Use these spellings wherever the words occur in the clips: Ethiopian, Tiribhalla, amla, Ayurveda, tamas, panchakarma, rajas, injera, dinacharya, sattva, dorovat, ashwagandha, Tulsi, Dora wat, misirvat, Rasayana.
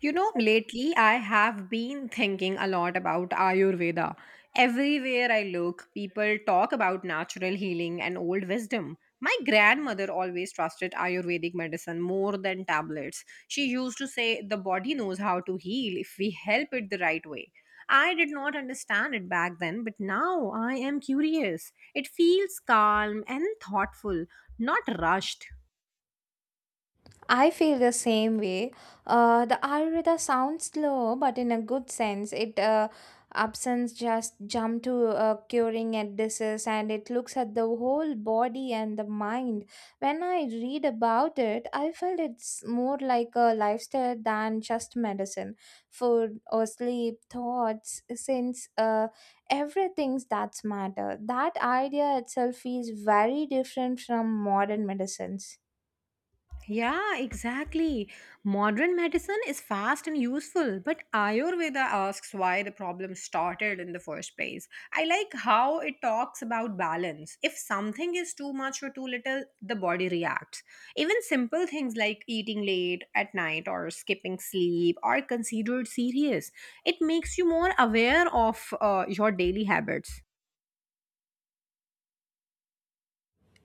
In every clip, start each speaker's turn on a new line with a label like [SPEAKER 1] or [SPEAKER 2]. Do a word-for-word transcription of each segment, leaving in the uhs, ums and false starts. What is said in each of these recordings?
[SPEAKER 1] You know, lately I have been thinking a lot about Ayurveda. Everywhere I look, people talk about natural healing and old wisdom. My grandmother always trusted Ayurvedic medicine more than tablets. She used to say the body knows how to heal if we help it the right way. I did not understand it back then, but now I am curious. It feels calm and thoughtful, not rushed.
[SPEAKER 2] I feel the same way. Uh, the Ayurveda sounds slow, but in a good sense, it uh, absence just jump to uh, curing a disease, and it looks at the whole body and the mind. When I read about it, I felt it's more like a lifestyle than just medicine, food or sleep, thoughts, since uh, everything's that's matter. That idea itself is very different from modern medicines.
[SPEAKER 1] Yeah, exactly. Modern medicine is fast and useful, but Ayurveda asks why the problem started in the first place. I like how it talks about balance. If something is too much or too little, the body reacts. Even simple things like eating late at night or skipping sleep are considered serious. It makes you more aware of uh, your daily habits.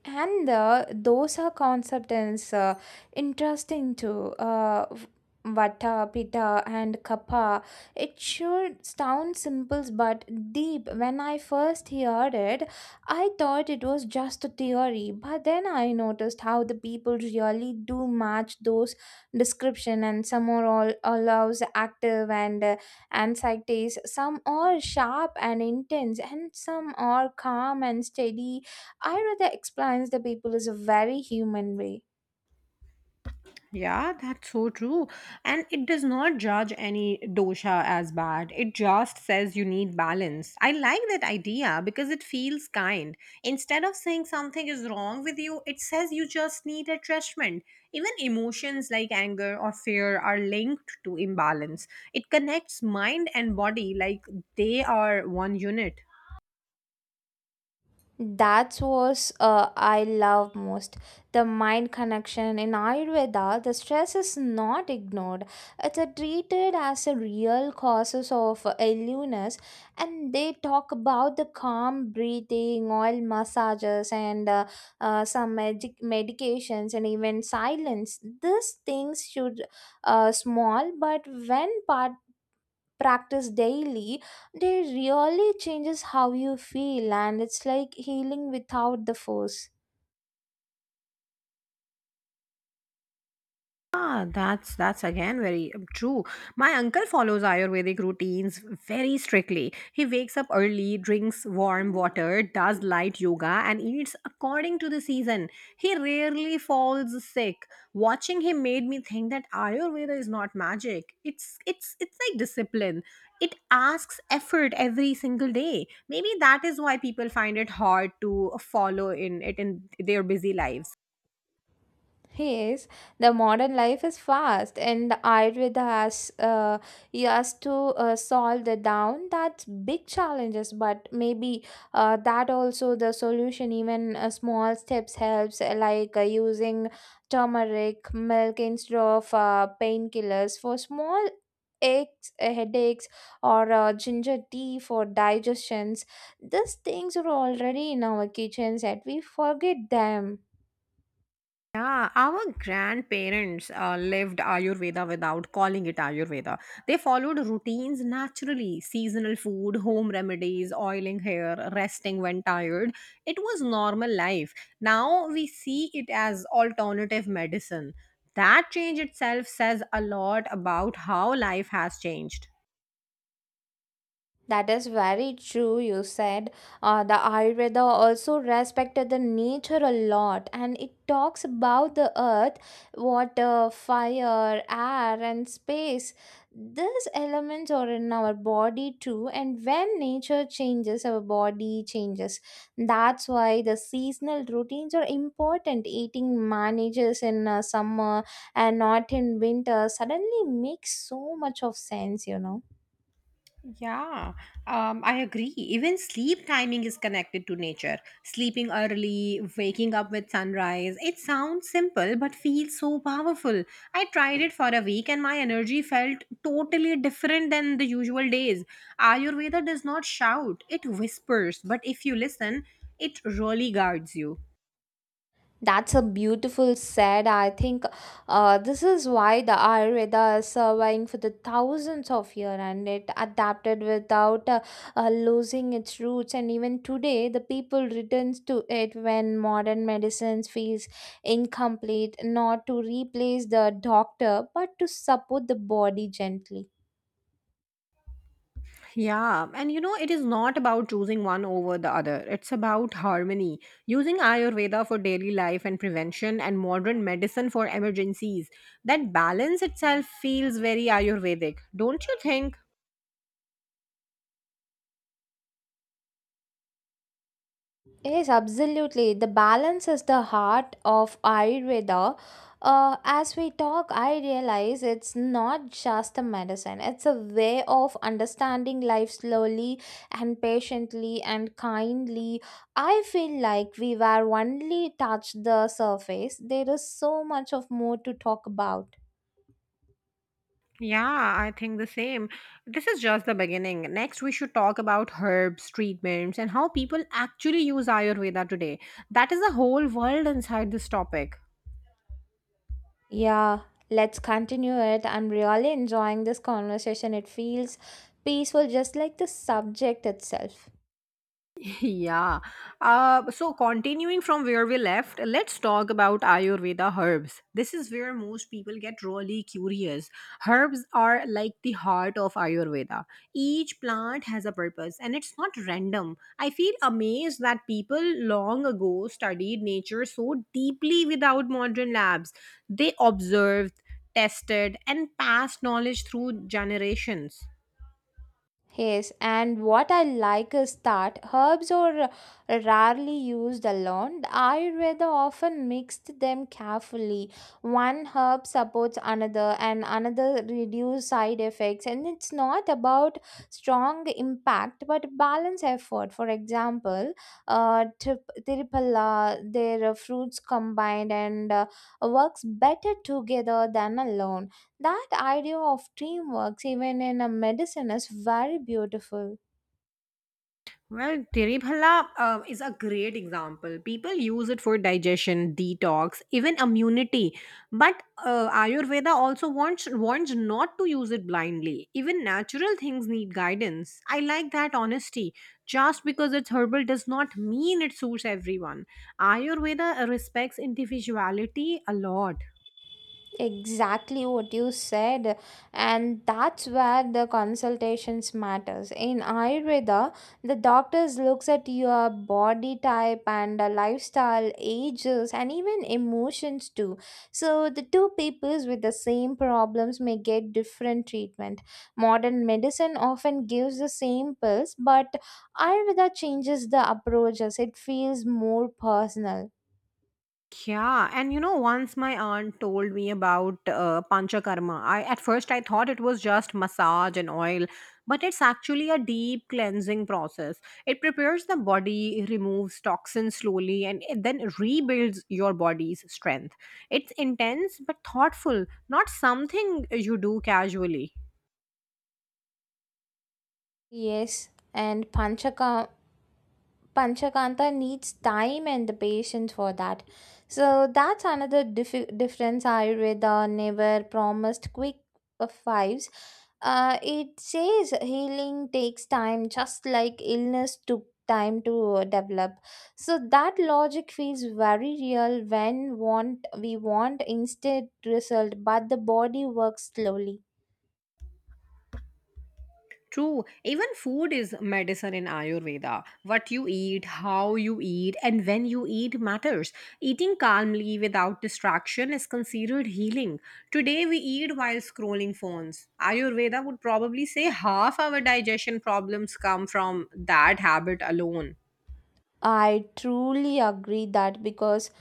[SPEAKER 2] And uh, Those are concept is uh, interesting too uh, v- vata pitta and kapha, it sure sounds simple but deep. When I first heard it, I thought it was just a theory, but then I noticed how the people really do match those description, and some are all allows active and uh, anxieties, some are sharp and intense, and some are calm and steady. I rather explains the people is a very human way.
[SPEAKER 1] Yeah, that's so true. And it does not judge any dosha as bad. It just says you need balance. I like that idea because it feels kind. Instead of saying something is wrong with you, it says you just need adjustment. Even emotions like anger or fear are linked to imbalance. It connects mind and body like they are one unit.
[SPEAKER 2] That's what uh, I love most. The mind connection in Ayurveda, the stress is not ignored. It's uh, treated as a real causes of uh, illness, and they talk about the calm breathing, oil massages, and uh, uh, some medic- medications, and even silence. These things should uh, small, but when part practice daily, they really changes how you feel, and it's like healing without the force.
[SPEAKER 1] Ah, that's that's again very um, true. My uncle follows Ayurvedic routines very strictly. He wakes up early, drinks warm water, does light yoga, and eats according to the season. He rarely falls sick. Watching him made me think that Ayurveda is not magic. It's it's it's like discipline. It asks effort every single day. Maybe that is why people find it hard to follow in it in their busy lives.
[SPEAKER 2] Yes, the modern life is fast, and Ayurveda has uh, he has to uh, solve the down that's big challenges. But maybe uh, that also the solution. Even uh, small steps helps, uh, like uh, using turmeric milk instead of uh, painkillers for small aches, uh, headaches, or uh, ginger tea for digestions. These things are already in our kitchens, and we forget them.
[SPEAKER 1] Yeah, our grandparents uh, lived Ayurveda without calling it Ayurveda. They followed routines naturally seasonal food, home remedies, oiling hair, resting when tired. It was normal life. Now we see it as alternative medicine. That change itself says a lot about how life has changed.
[SPEAKER 2] That is very true, you said. Uh, the Ayurveda also respected the nature a lot, and it talks about the earth, water, fire, air, and space. These elements are in our body too, and when nature changes, our body changes. That's why the seasonal routines are important. Eating manages in uh, summer and not in winter suddenly makes so much of sense, you know.
[SPEAKER 1] Yeah, um, I agree. Even sleep timing is connected to nature. Sleeping early, waking up with sunrise. It sounds simple, but feels so powerful. I tried it for a week and my energy felt totally different than the usual days. Ayurveda does not shout, it whispers, but if you listen, it really guards you.
[SPEAKER 2] That's a beautiful said. I think uh, this is why the Ayurveda is surviving for the thousands of years, and it adapted without uh, uh, losing its roots. And even today, the people returns to it when modern medicines feels incomplete, not to replace the doctor, but to support the body gently.
[SPEAKER 1] Yeah, and you know, it is not about choosing one over the other. It's about harmony. Using Ayurveda for daily life and prevention and modern medicine for emergencies. That balance itself feels very Ayurvedic, don't you think?
[SPEAKER 2] Yes, absolutely. The balance is the heart of Ayurveda. Uh, as we talk, I realize it's not just a medicine, it's a way of understanding life slowly and patiently and kindly. I feel like we were only touched the surface. There is so much of more to talk about.
[SPEAKER 1] Yeah, I think the same. This is just the beginning. Next, we should talk about herbs, treatments, and how people actually use Ayurveda today. That is a whole world inside this topic.
[SPEAKER 2] Yeah, let's continue it. I'm really enjoying this conversation. It feels peaceful, just like the subject itself.
[SPEAKER 1] Yeah. Uh, so, continuing from where we left, let's talk about Ayurveda herbs. This is where most people get really curious. Herbs are like the heart of Ayurveda. Each plant has a purpose and it's not random. I feel amazed that people long ago studied nature so deeply without modern labs. They observed, tested, and passed knowledge through generations.
[SPEAKER 2] Yes, and what I like is that herbs are rarely used alone. I rather often mixed them carefully. One herb supports another, and another reduce side effects. And it's not about strong impact, but balance effort. For example, uh, trip- Tirupalla, their uh, fruits combined and uh, works better together than alone. That idea of teamwork, even in a medicine, is very beautiful.
[SPEAKER 1] Well, Tiribhalla uh, is a great example. People use it for digestion, detox, even immunity. But uh, Ayurveda also wants warns not to use it blindly. Even natural things need guidance. I like that honesty. Just because it's herbal does not mean it suits everyone. Ayurveda respects individuality a lot.
[SPEAKER 2] Exactly what you said, and that's where the consultations matters in Ayurveda. The doctors looks at your body type and uh, lifestyle, ages, and even emotions too. So the two peoples with the same problems may get different treatment. Modern medicine often gives the same pills, but Ayurveda changes the approaches. It feels more personal.
[SPEAKER 1] Yeah, and you know, once my aunt told me about uh, panchakarma, I at first I thought it was just massage and oil, but it's actually a deep cleansing process. It prepares the body, removes toxins slowly, and it then rebuilds your body's strength. It's intense but thoughtful, not something you do casually.
[SPEAKER 2] Yes and panchaka Panchakanta needs time and the patience for that. So that's another dif- difference. Ayurveda never promised quick uh, fives. Uh, it says healing takes time, just like illness took time to uh, develop. So that logic feels very real when want we want instant result, but the body works slowly.
[SPEAKER 1] True, even food is medicine in Ayurveda. What you eat, how you eat, and when you eat matters. Eating calmly without distraction is considered healing. Today we eat while scrolling phones. Ayurveda would probably say half our digestion problems come from that habit alone.
[SPEAKER 2] I truly agree that because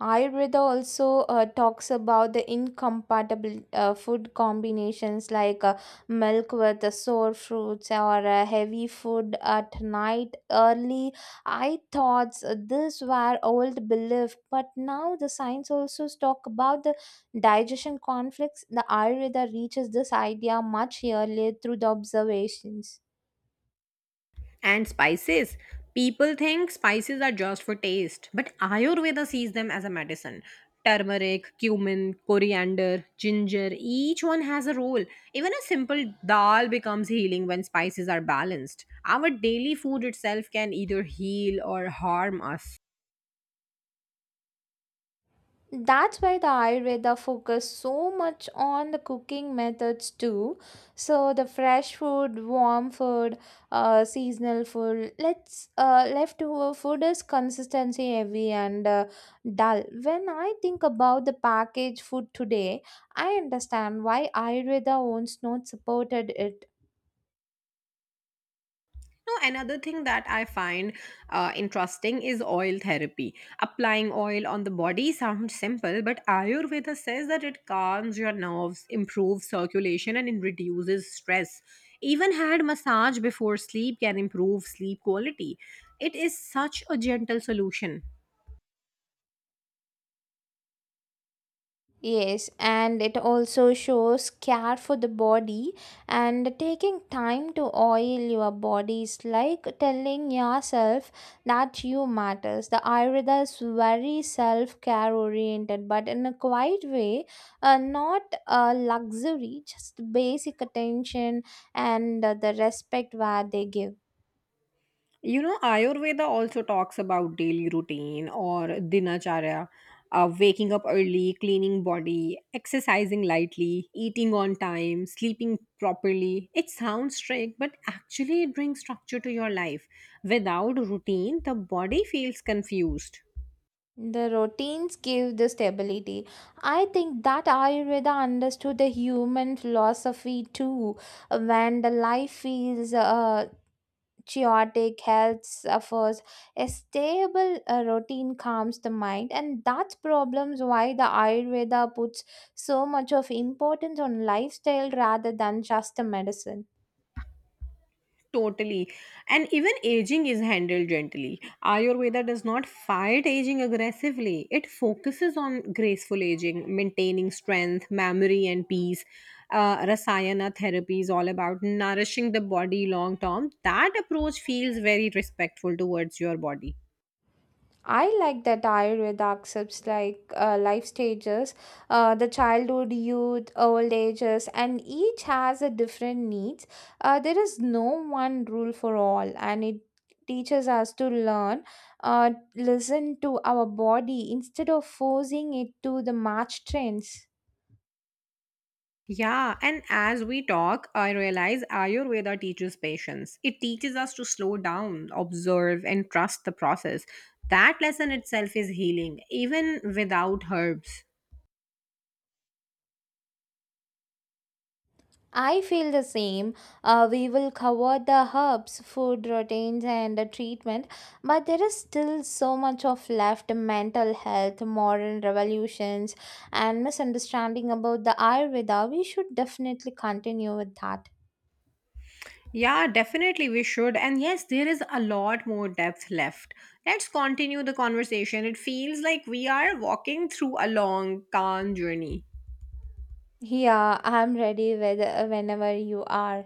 [SPEAKER 2] Ayurveda also uh, talks about the incompatible uh, food combinations, like uh, milk with uh, sour fruits or uh, heavy food at night. Early, I thought uh, this were old belief, but now the science also talk about the digestion conflicts. The Ayurveda reaches this idea much earlier through the observations.
[SPEAKER 1] And spices. People think spices are just for taste, but Ayurveda sees them as a medicine. Turmeric, cumin, coriander, ginger, each one has a role. Even a simple dal becomes healing when spices are balanced. Our daily food itself can either heal or harm us.
[SPEAKER 2] That's why the Ayurveda focus so much on the cooking methods too. So the fresh food, warm food, uh, seasonal food. Let's uh, leftover food is consistency heavy and uh, dull. When I think about the packaged food today, I understand why Ayurveda owns not supported it.
[SPEAKER 1] No, another thing that I find uh, interesting is oil therapy. Applying oil on the body sounds simple, but Ayurveda says that it calms your nerves, improves circulation, and it reduces stress. Even hand massage before sleep can improve sleep quality. It is such a gentle solution.
[SPEAKER 2] Yes, and it also shows care for the body, and taking time to oil your body is like telling yourself that you matters. The Ayurveda is very self-care oriented, but in a quiet way, uh, not a luxury, just basic attention and uh, the respect where they give.
[SPEAKER 1] You know, Ayurveda also talks about daily routine or dinacharya, uh, waking up early, cleaning body, exercising lightly, eating on time, sleeping properly. It sounds strict, but actually it brings structure to your life. Without routine, the body feels confused.
[SPEAKER 2] The routines give the stability. I think that Ayurveda understood the human philosophy too. When the life feels uh, chaotic, health suffers, a stable uh, routine calms the mind, and that's problems why the Ayurveda puts so much of importance on lifestyle rather than just the medicine.
[SPEAKER 1] Totally. And even aging is handled gently. Ayurveda does not fight aging aggressively, it focuses on graceful aging, maintaining strength, memory, and peace. Uh, Rasayana therapy is all about nourishing the body long term. That approach feels very respectful towards your body.
[SPEAKER 2] I like that Ayurveda accepts like uh, life stages, uh, the childhood, youth, old ages, and each has a different needs. Uh, there is no one rule for all, and it teaches us to learn, uh, listen to our body instead of forcing it to the match trends.
[SPEAKER 1] Yeah, and as we talk, I realize Ayurveda teaches patience. It teaches us to slow down, observe, and trust the process. That lesson itself is healing, even without herbs.
[SPEAKER 2] I feel the same. Uh, we will cover the herbs, food routines, and the treatment, but there is still so much of left mental health, modern revolutions, and misunderstanding about the Ayurveda. We should definitely continue with that.
[SPEAKER 1] Yeah, definitely we should. And yes, there is a lot more depth left. Let's continue the conversation. It feels like we are walking through a long, calm journey.
[SPEAKER 2] Yeah, I'm ready Whether whenever you are.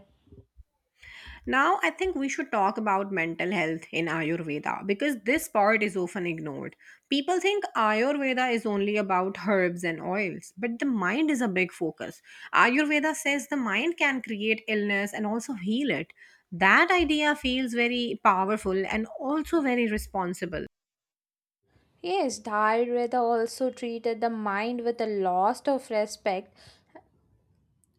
[SPEAKER 1] Now, I think we should talk about mental health in Ayurveda because this part is often ignored. People think Ayurveda is only about herbs and oils, but the mind is a big focus. Ayurveda says the mind can create illness and also heal it. That idea feels very powerful and also very responsible.
[SPEAKER 2] Yes, the Ayurveda also treated the mind with a lot of respect,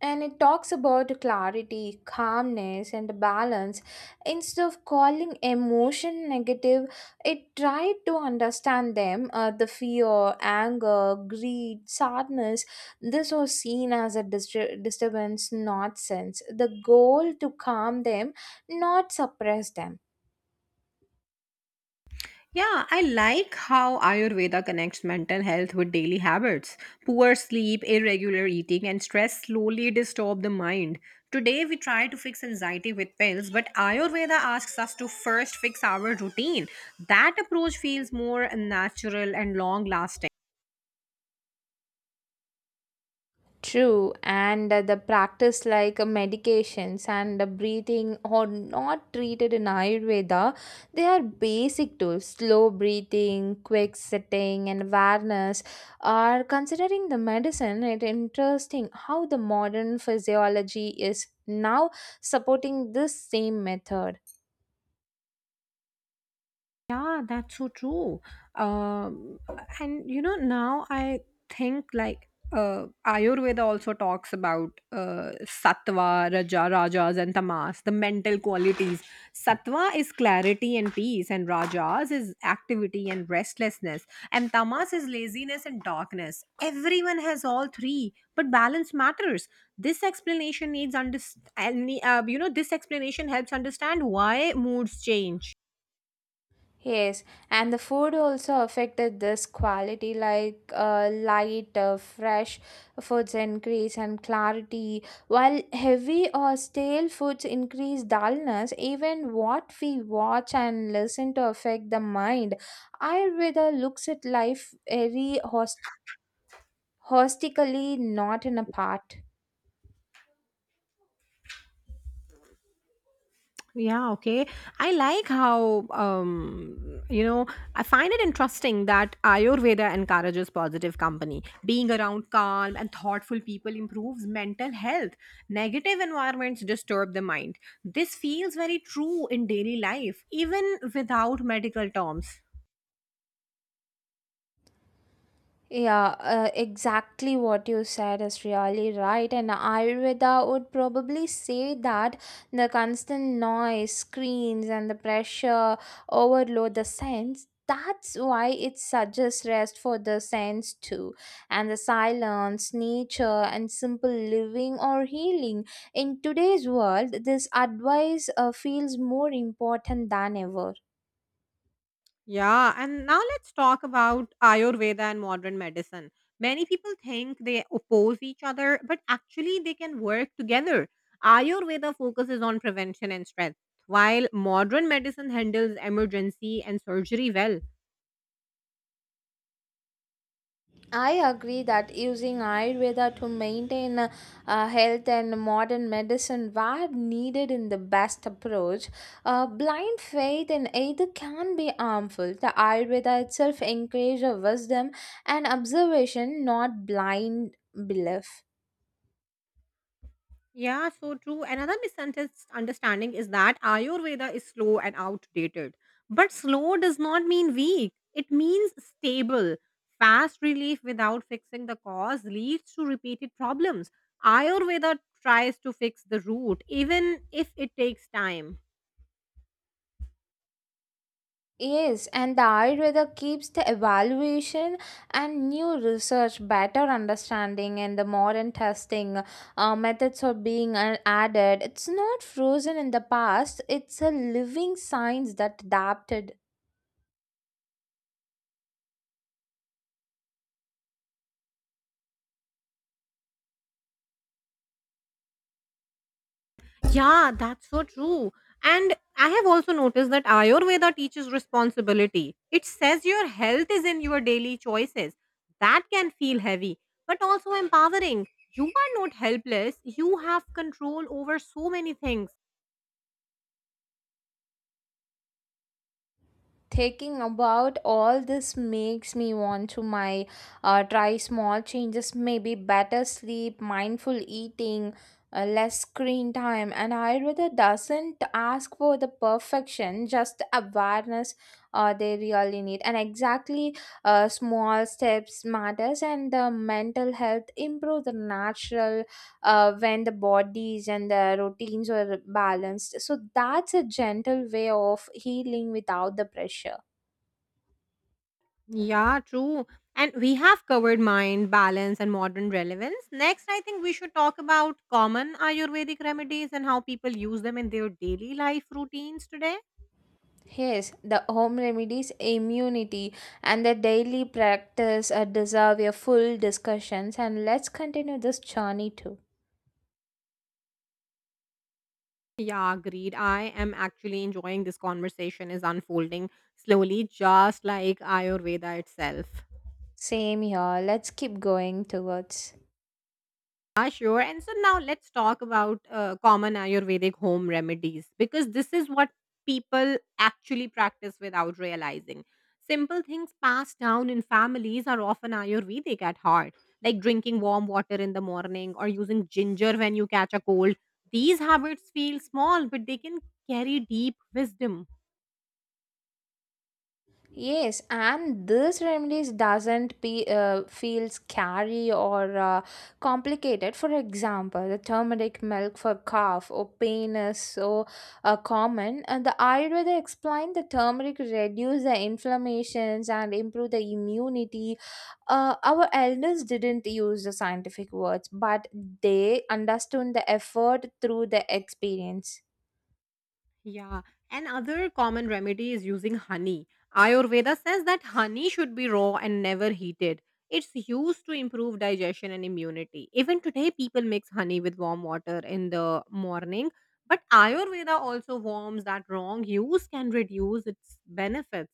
[SPEAKER 2] and it talks about clarity, calmness, and balance. Instead of calling emotion negative, it tried to understand them. Uh, the fear, anger, greed, sadness. This was seen as a distur- disturbance, not sense. The goal to calm them, not suppress them.
[SPEAKER 1] Yeah, I like how Ayurveda connects mental health with daily habits. Poor sleep, irregular eating, and stress slowly disturb the mind. Today, we try to fix anxiety with pills, but Ayurveda asks us to first fix our routine. That approach feels more natural and long lasting.
[SPEAKER 2] True, and uh, the practice like uh, medications and the breathing are not treated in Ayurveda. They are basic tools. Slow breathing, quick sitting, and awareness are considering the medicine. It interesting how the modern physiology is now supporting this same method.
[SPEAKER 1] Yeah, that's so true. Um, and you know, now I think like uh, Ayurveda also talks about uh, sattva, raja, rajas, and tamas, the mental qualities. Sattva is clarity and peace, and rajas is activity and restlessness, and tamas is laziness and darkness. Everyone has all three, but balance matters. This explanation needs understand. Uh, you know, this explanation helps understand why moods change.
[SPEAKER 2] Yes, and the food also affected this quality, like uh, light, uh, fresh foods increase and clarity, while heavy or stale foods increase dullness. Even what we watch and listen to affect the mind. Ayurveda looks at life very host- holistically, not in a part.
[SPEAKER 1] Yeah, okay. I like how, um, you know, I find it interesting that Ayurveda encourages positive company. Being around calm and thoughtful people improves mental health. Negative environments disturb the mind. This feels very true in daily life, even without medical terms.
[SPEAKER 2] Yeah, uh, exactly what you said is really right. And Ayurveda would probably say that the constant noise, screens, and the pressure overload the sense. That's why it suggests rest for the sense too. And the silence, nature, and simple living or healing. In today's world, this advice uh, feels more important than ever.
[SPEAKER 1] Yeah, and now let's talk about Ayurveda and modern medicine. Many people think they oppose each other, but actually they can work together. Ayurveda focuses on prevention and strength, while modern medicine handles emergency and surgery well.
[SPEAKER 2] I agree that using Ayurveda to maintain uh, uh, health and modern medicine were needed in the best approach. Uh, blind faith in either can be harmful. The Ayurveda itself encourages wisdom and observation, not blind belief.
[SPEAKER 1] Yeah, so true. Another misunderstanding is that Ayurveda is slow and outdated. But slow does not mean weak, it means stable. Fast relief without fixing the cause leads to repeated problems. Ayurveda tries to fix the root, even if it takes time.
[SPEAKER 2] Yes, and the Ayurveda keeps the evaluation and new research, better understanding, and the modern testing uh, methods are being uh, added. It's not frozen in the past, it's a living science that adapted.
[SPEAKER 1] Yeah, that's so true. And I have also noticed that Ayurveda teaches responsibility. It says your health is in your daily choices. That can feel heavy, but also empowering. You are not helpless, you have control over so many things.
[SPEAKER 2] Thinking about all this makes me want to my uh, try small changes, maybe better sleep, mindful eating, uh, less screen time, and Ayurveda doesn't ask for the perfection, just the awareness uh, they really need. And exactly, uh, small steps matters, and the mental health improve the natural uh, when the bodies and the routines were balanced. So that's a gentle way of healing without the pressure.
[SPEAKER 1] Yeah, true. And we have covered mind, balance, and modern relevance. Next, I think we should talk about common Ayurvedic remedies and how people use them in their daily life routines today.
[SPEAKER 2] Yes, the home remedies, immunity, and the daily practice uh, deserve your full discussions, and let's continue this journey too.
[SPEAKER 1] Yeah, agreed. I am actually enjoying this conversation is unfolding slowly, just like Ayurveda itself.
[SPEAKER 2] Same here, let's keep going towards.
[SPEAKER 1] Ah, sure. And so now let's talk about uh, common Ayurvedic home remedies because this is what people actually practice without realizing. Simple things passed down in families are often Ayurvedic at heart, like drinking warm water in the morning or using ginger when you catch a cold. These habits feel small, but they can carry deep wisdom.
[SPEAKER 2] Yes, and this remedies doesn't be, uh, feel scary or uh, complicated. For example, the turmeric milk for cough or pain is so uh, common, and the Ayurveda explained the turmeric reduce the inflammations and improve the immunity. Uh, our elders didn't use the scientific words, but they understood the effort through the experience.
[SPEAKER 1] Yeah, and other common remedy is using honey. Ayurveda says that honey should be raw and never heated. It's used to improve digestion and immunity. Even today, people mix honey with warm water in the morning. But Ayurveda also warns that wrong use can reduce its benefits.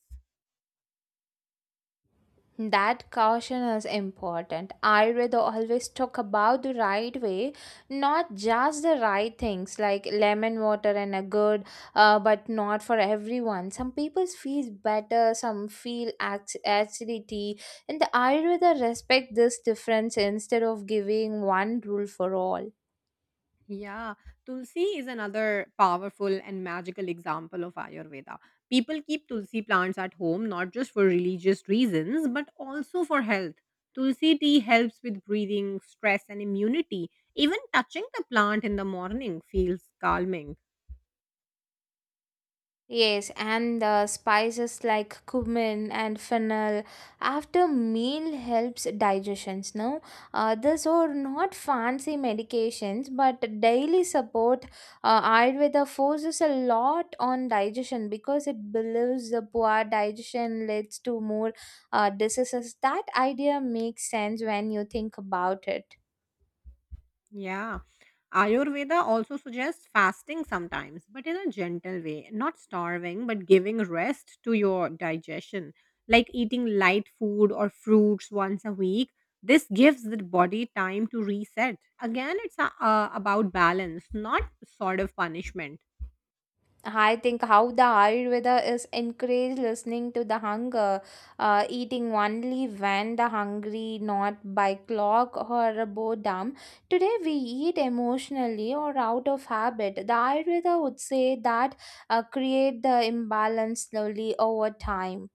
[SPEAKER 2] That caution is important. Ayurveda always talk about the right way, not just the right things like lemon water and a good, uh, but not for everyone. Some people feel better, some feel ac- acidity, and the Ayurveda respect this difference instead of giving one rule for all.
[SPEAKER 1] Yeah, Tulsi is another powerful and magical example of Ayurveda. People keep Tulsi plants at home not just for religious reasons but also for health. Tulsi tea helps with breathing, stress, and immunity. Even touching the plant in the morning feels calming.
[SPEAKER 2] Yes, and the spices like cumin and fennel after meal helps digestions. No, uh, these are not fancy medications, but daily support. uh, Ayurveda forces a lot on digestion because it believes the poor digestion leads to more uh, diseases. That idea makes sense when you think about it.
[SPEAKER 1] Yeah. Ayurveda also suggests fasting sometimes, but in a gentle way, not starving, but giving rest to your digestion, like eating light food or fruits once a week. This gives the body time to reset. Again, it's uh, about balance, not sort of punishment.
[SPEAKER 2] I think how the Ayurveda is encourage listening to the hunger, uh, eating only when the hungry, not by clock or boredom. Today we eat emotionally or out of habit. The Ayurveda would say that uh, create the imbalance slowly over time.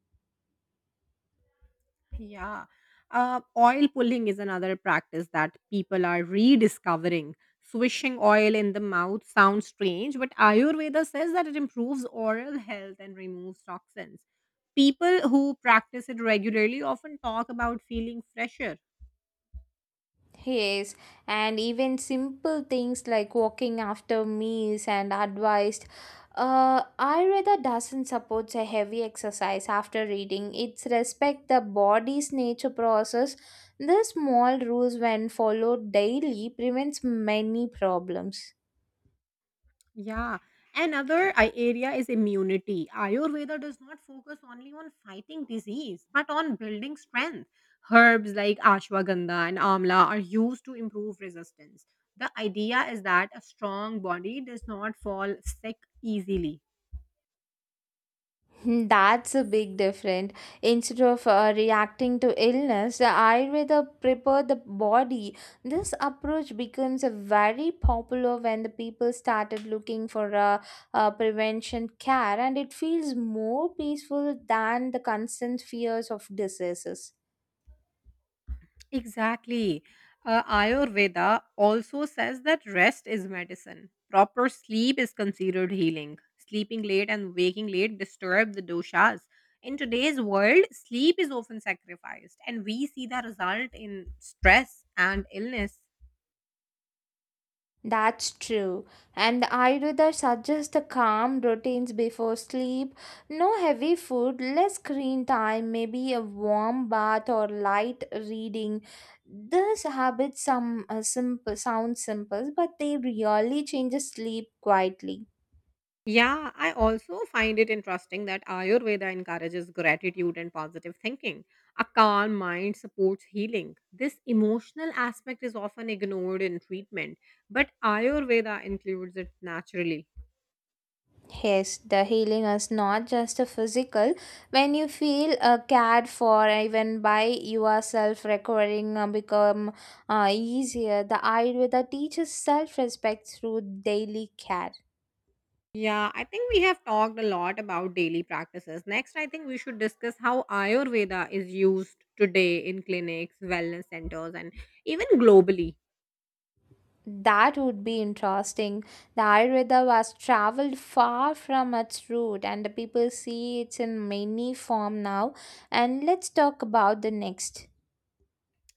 [SPEAKER 1] Yeah. Uh, oil pulling is another practice that people are rediscovering. Swishing oil in the mouth sounds strange, but Ayurveda says that it improves oral health and removes toxins. People who practice it regularly often talk about feeling fresher.
[SPEAKER 2] Yes, and even simple things like walking after meals and advised. Uh, Ayurveda doesn't support a heavy exercise after reading. It's respect the body's nature process. The small rules when followed daily prevents many problems.
[SPEAKER 1] Yeah. Another i- area is immunity. Ayurveda does not focus only on fighting disease, but on building strength. Herbs like ashwagandha and amla are used to improve resistance. The idea is that a strong body does not fall sick easily.
[SPEAKER 2] Hmm, that's a big difference. Instead of uh, reacting to illness, the Ayurveda prepare the body. This approach becomes a very popular when the people started looking for uh, uh, prevention care, and it feels more peaceful than the constant fears of diseases.
[SPEAKER 1] Exactly. Uh, Ayurveda also says that rest is medicine. Proper sleep is considered healing. Sleeping late and waking late disturb the doshas. In today's world, sleep is often sacrificed, and we see the result in stress and illness.
[SPEAKER 2] That's true. And the Ayurveda suggests the calm routines before sleep, no heavy food, less screen time, maybe a warm bath or light reading. These habits some uh, simple, sound simple, but they really change the sleep quietly.
[SPEAKER 1] Yeah, I also find it interesting that Ayurveda encourages gratitude and positive thinking. A calm mind supports healing. This emotional aspect is often ignored in treatment, but Ayurveda includes it naturally.
[SPEAKER 2] Yes, the healing is not just a physical. When you feel uh, cared for, even by yourself, recovering uh, become uh, easier. The Ayurveda teaches self-respect through daily care.
[SPEAKER 1] Yeah, I think we have talked a lot about daily practices. Next, I think we should discuss how Ayurveda is used today in clinics, wellness centers, and even globally.
[SPEAKER 2] That would be interesting. The Ayurveda was traveled far from its root, and the people see it's in many form now. And let's talk about the next.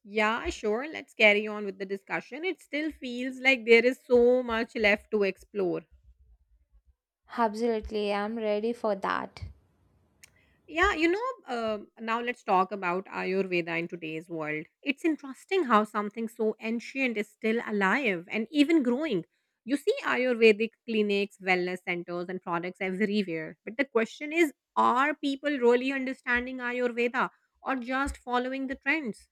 [SPEAKER 1] Yeah, sure. Let's carry on with the discussion. It still feels like there is so much left to explore.
[SPEAKER 2] Absolutely, I'm ready for that.
[SPEAKER 1] Yeah, you know, um now let's talk about Ayurveda in today's world. It's interesting how something so ancient is still alive and even growing. You see Ayurvedic clinics, wellness centers, and products everywhere. But the question is are people really understanding Ayurveda or just following the trends?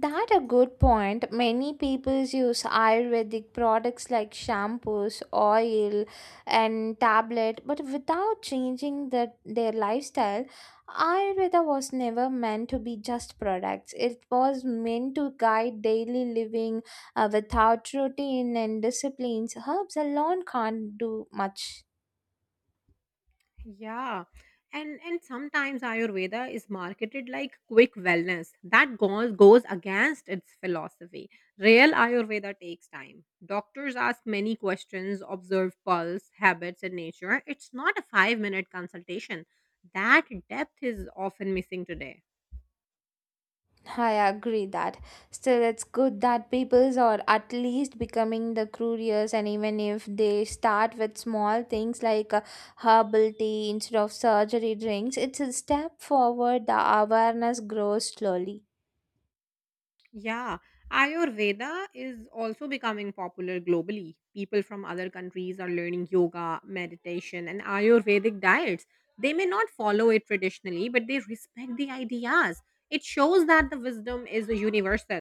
[SPEAKER 2] That a good point. Many people use Ayurvedic products like shampoos, oil, and tablet, but without changing the, their lifestyle. Ayurveda was never meant to be just products. It was meant to guide daily living uh, without routine and disciplines. Herbs alone can't do much.
[SPEAKER 1] Yeah. And and sometimes Ayurveda is marketed like quick wellness. That goes goes against its philosophy. Real Ayurveda takes time. Doctors ask many questions, observe pulse, habits, and nature. It's not a five minute consultation. That depth is often missing today.
[SPEAKER 2] I agree that. Still, it's good that peoples are at least becoming the curious, and even if they start with small things like uh, herbal tea instead of surgery drinks, it's a step forward. The awareness grows slowly.
[SPEAKER 1] Yeah, Ayurveda is also becoming popular globally. People from other countries are learning yoga, meditation, and Ayurvedic diets. They may not follow it traditionally, but they respect the ideas. It shows that the wisdom is universal.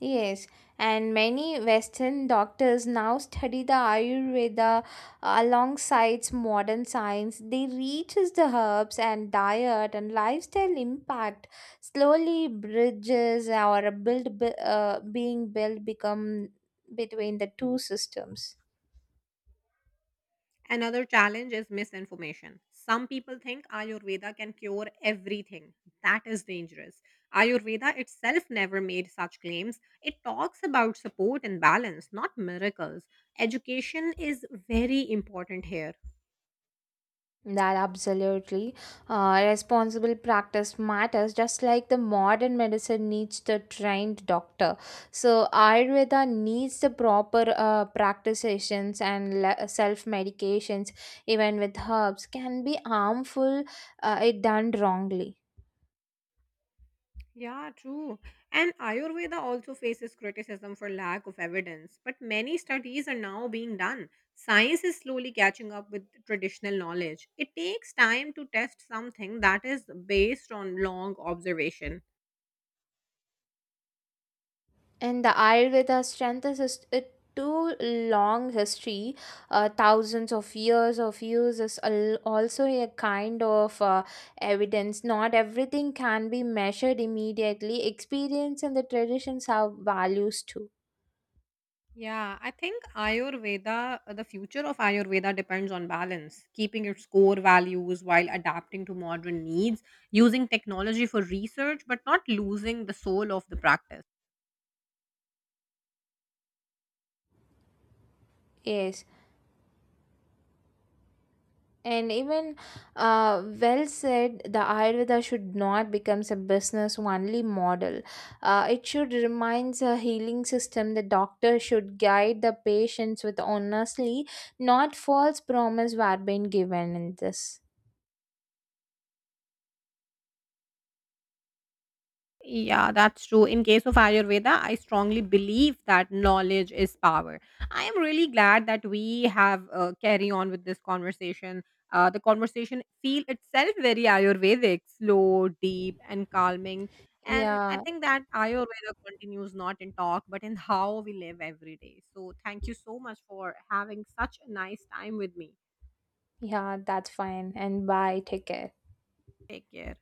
[SPEAKER 2] Yes, and many Western doctors now study the Ayurveda uh, alongside modern science. They reaches the herbs and diet and lifestyle impact slowly, bridges or build bu- uh, being built become between the two systems.
[SPEAKER 1] Another challenge is misinformation. Some people think Ayurveda can cure everything. That is dangerous. Ayurveda itself never made such claims. It talks about support and balance, not miracles. Education is very important here.
[SPEAKER 2] That absolutely. Uh, responsible practice matters, just like the modern medicine needs the trained doctor. So, Ayurveda needs the proper uh, practitioners, and le- self medications, even with herbs, can be harmful uh, if done wrongly.
[SPEAKER 1] Yeah, true. And Ayurveda also faces criticism for lack of evidence, but many studies are now being done. Science is slowly catching up with traditional knowledge. It takes time to test something that is based on long observation.
[SPEAKER 2] And the Ayurveda strengthens is- it too long history, uh, thousands of years of use is al- also a kind of uh, evidence. Not everything can be measured immediately. Experience and the traditions have values too.
[SPEAKER 1] Yeah, I think Ayurveda, the future of Ayurveda depends on balance, keeping its core values while adapting to modern needs, using technology for research, but not losing the soul of the practice.
[SPEAKER 2] Yes. And even uh, Well said, the Ayurveda should not become a business only model. Uh, it should remains a healing system. The doctor should guide the patients with honestly, not false promise were being given in this.
[SPEAKER 1] Yeah, that's true. In case of Ayurveda, I strongly believe that knowledge is power. I am really glad that we have uh, carry on with this conversation. Uh, the conversation feel itself very Ayurvedic, slow, deep, and calming. And I
[SPEAKER 2] Yeah,
[SPEAKER 1] think that Ayurveda continues not in talk, but in how we live every day. So thank you so much for having such a nice time with me.
[SPEAKER 2] yeah, that's fine. And bye. Take care.
[SPEAKER 1] Take care.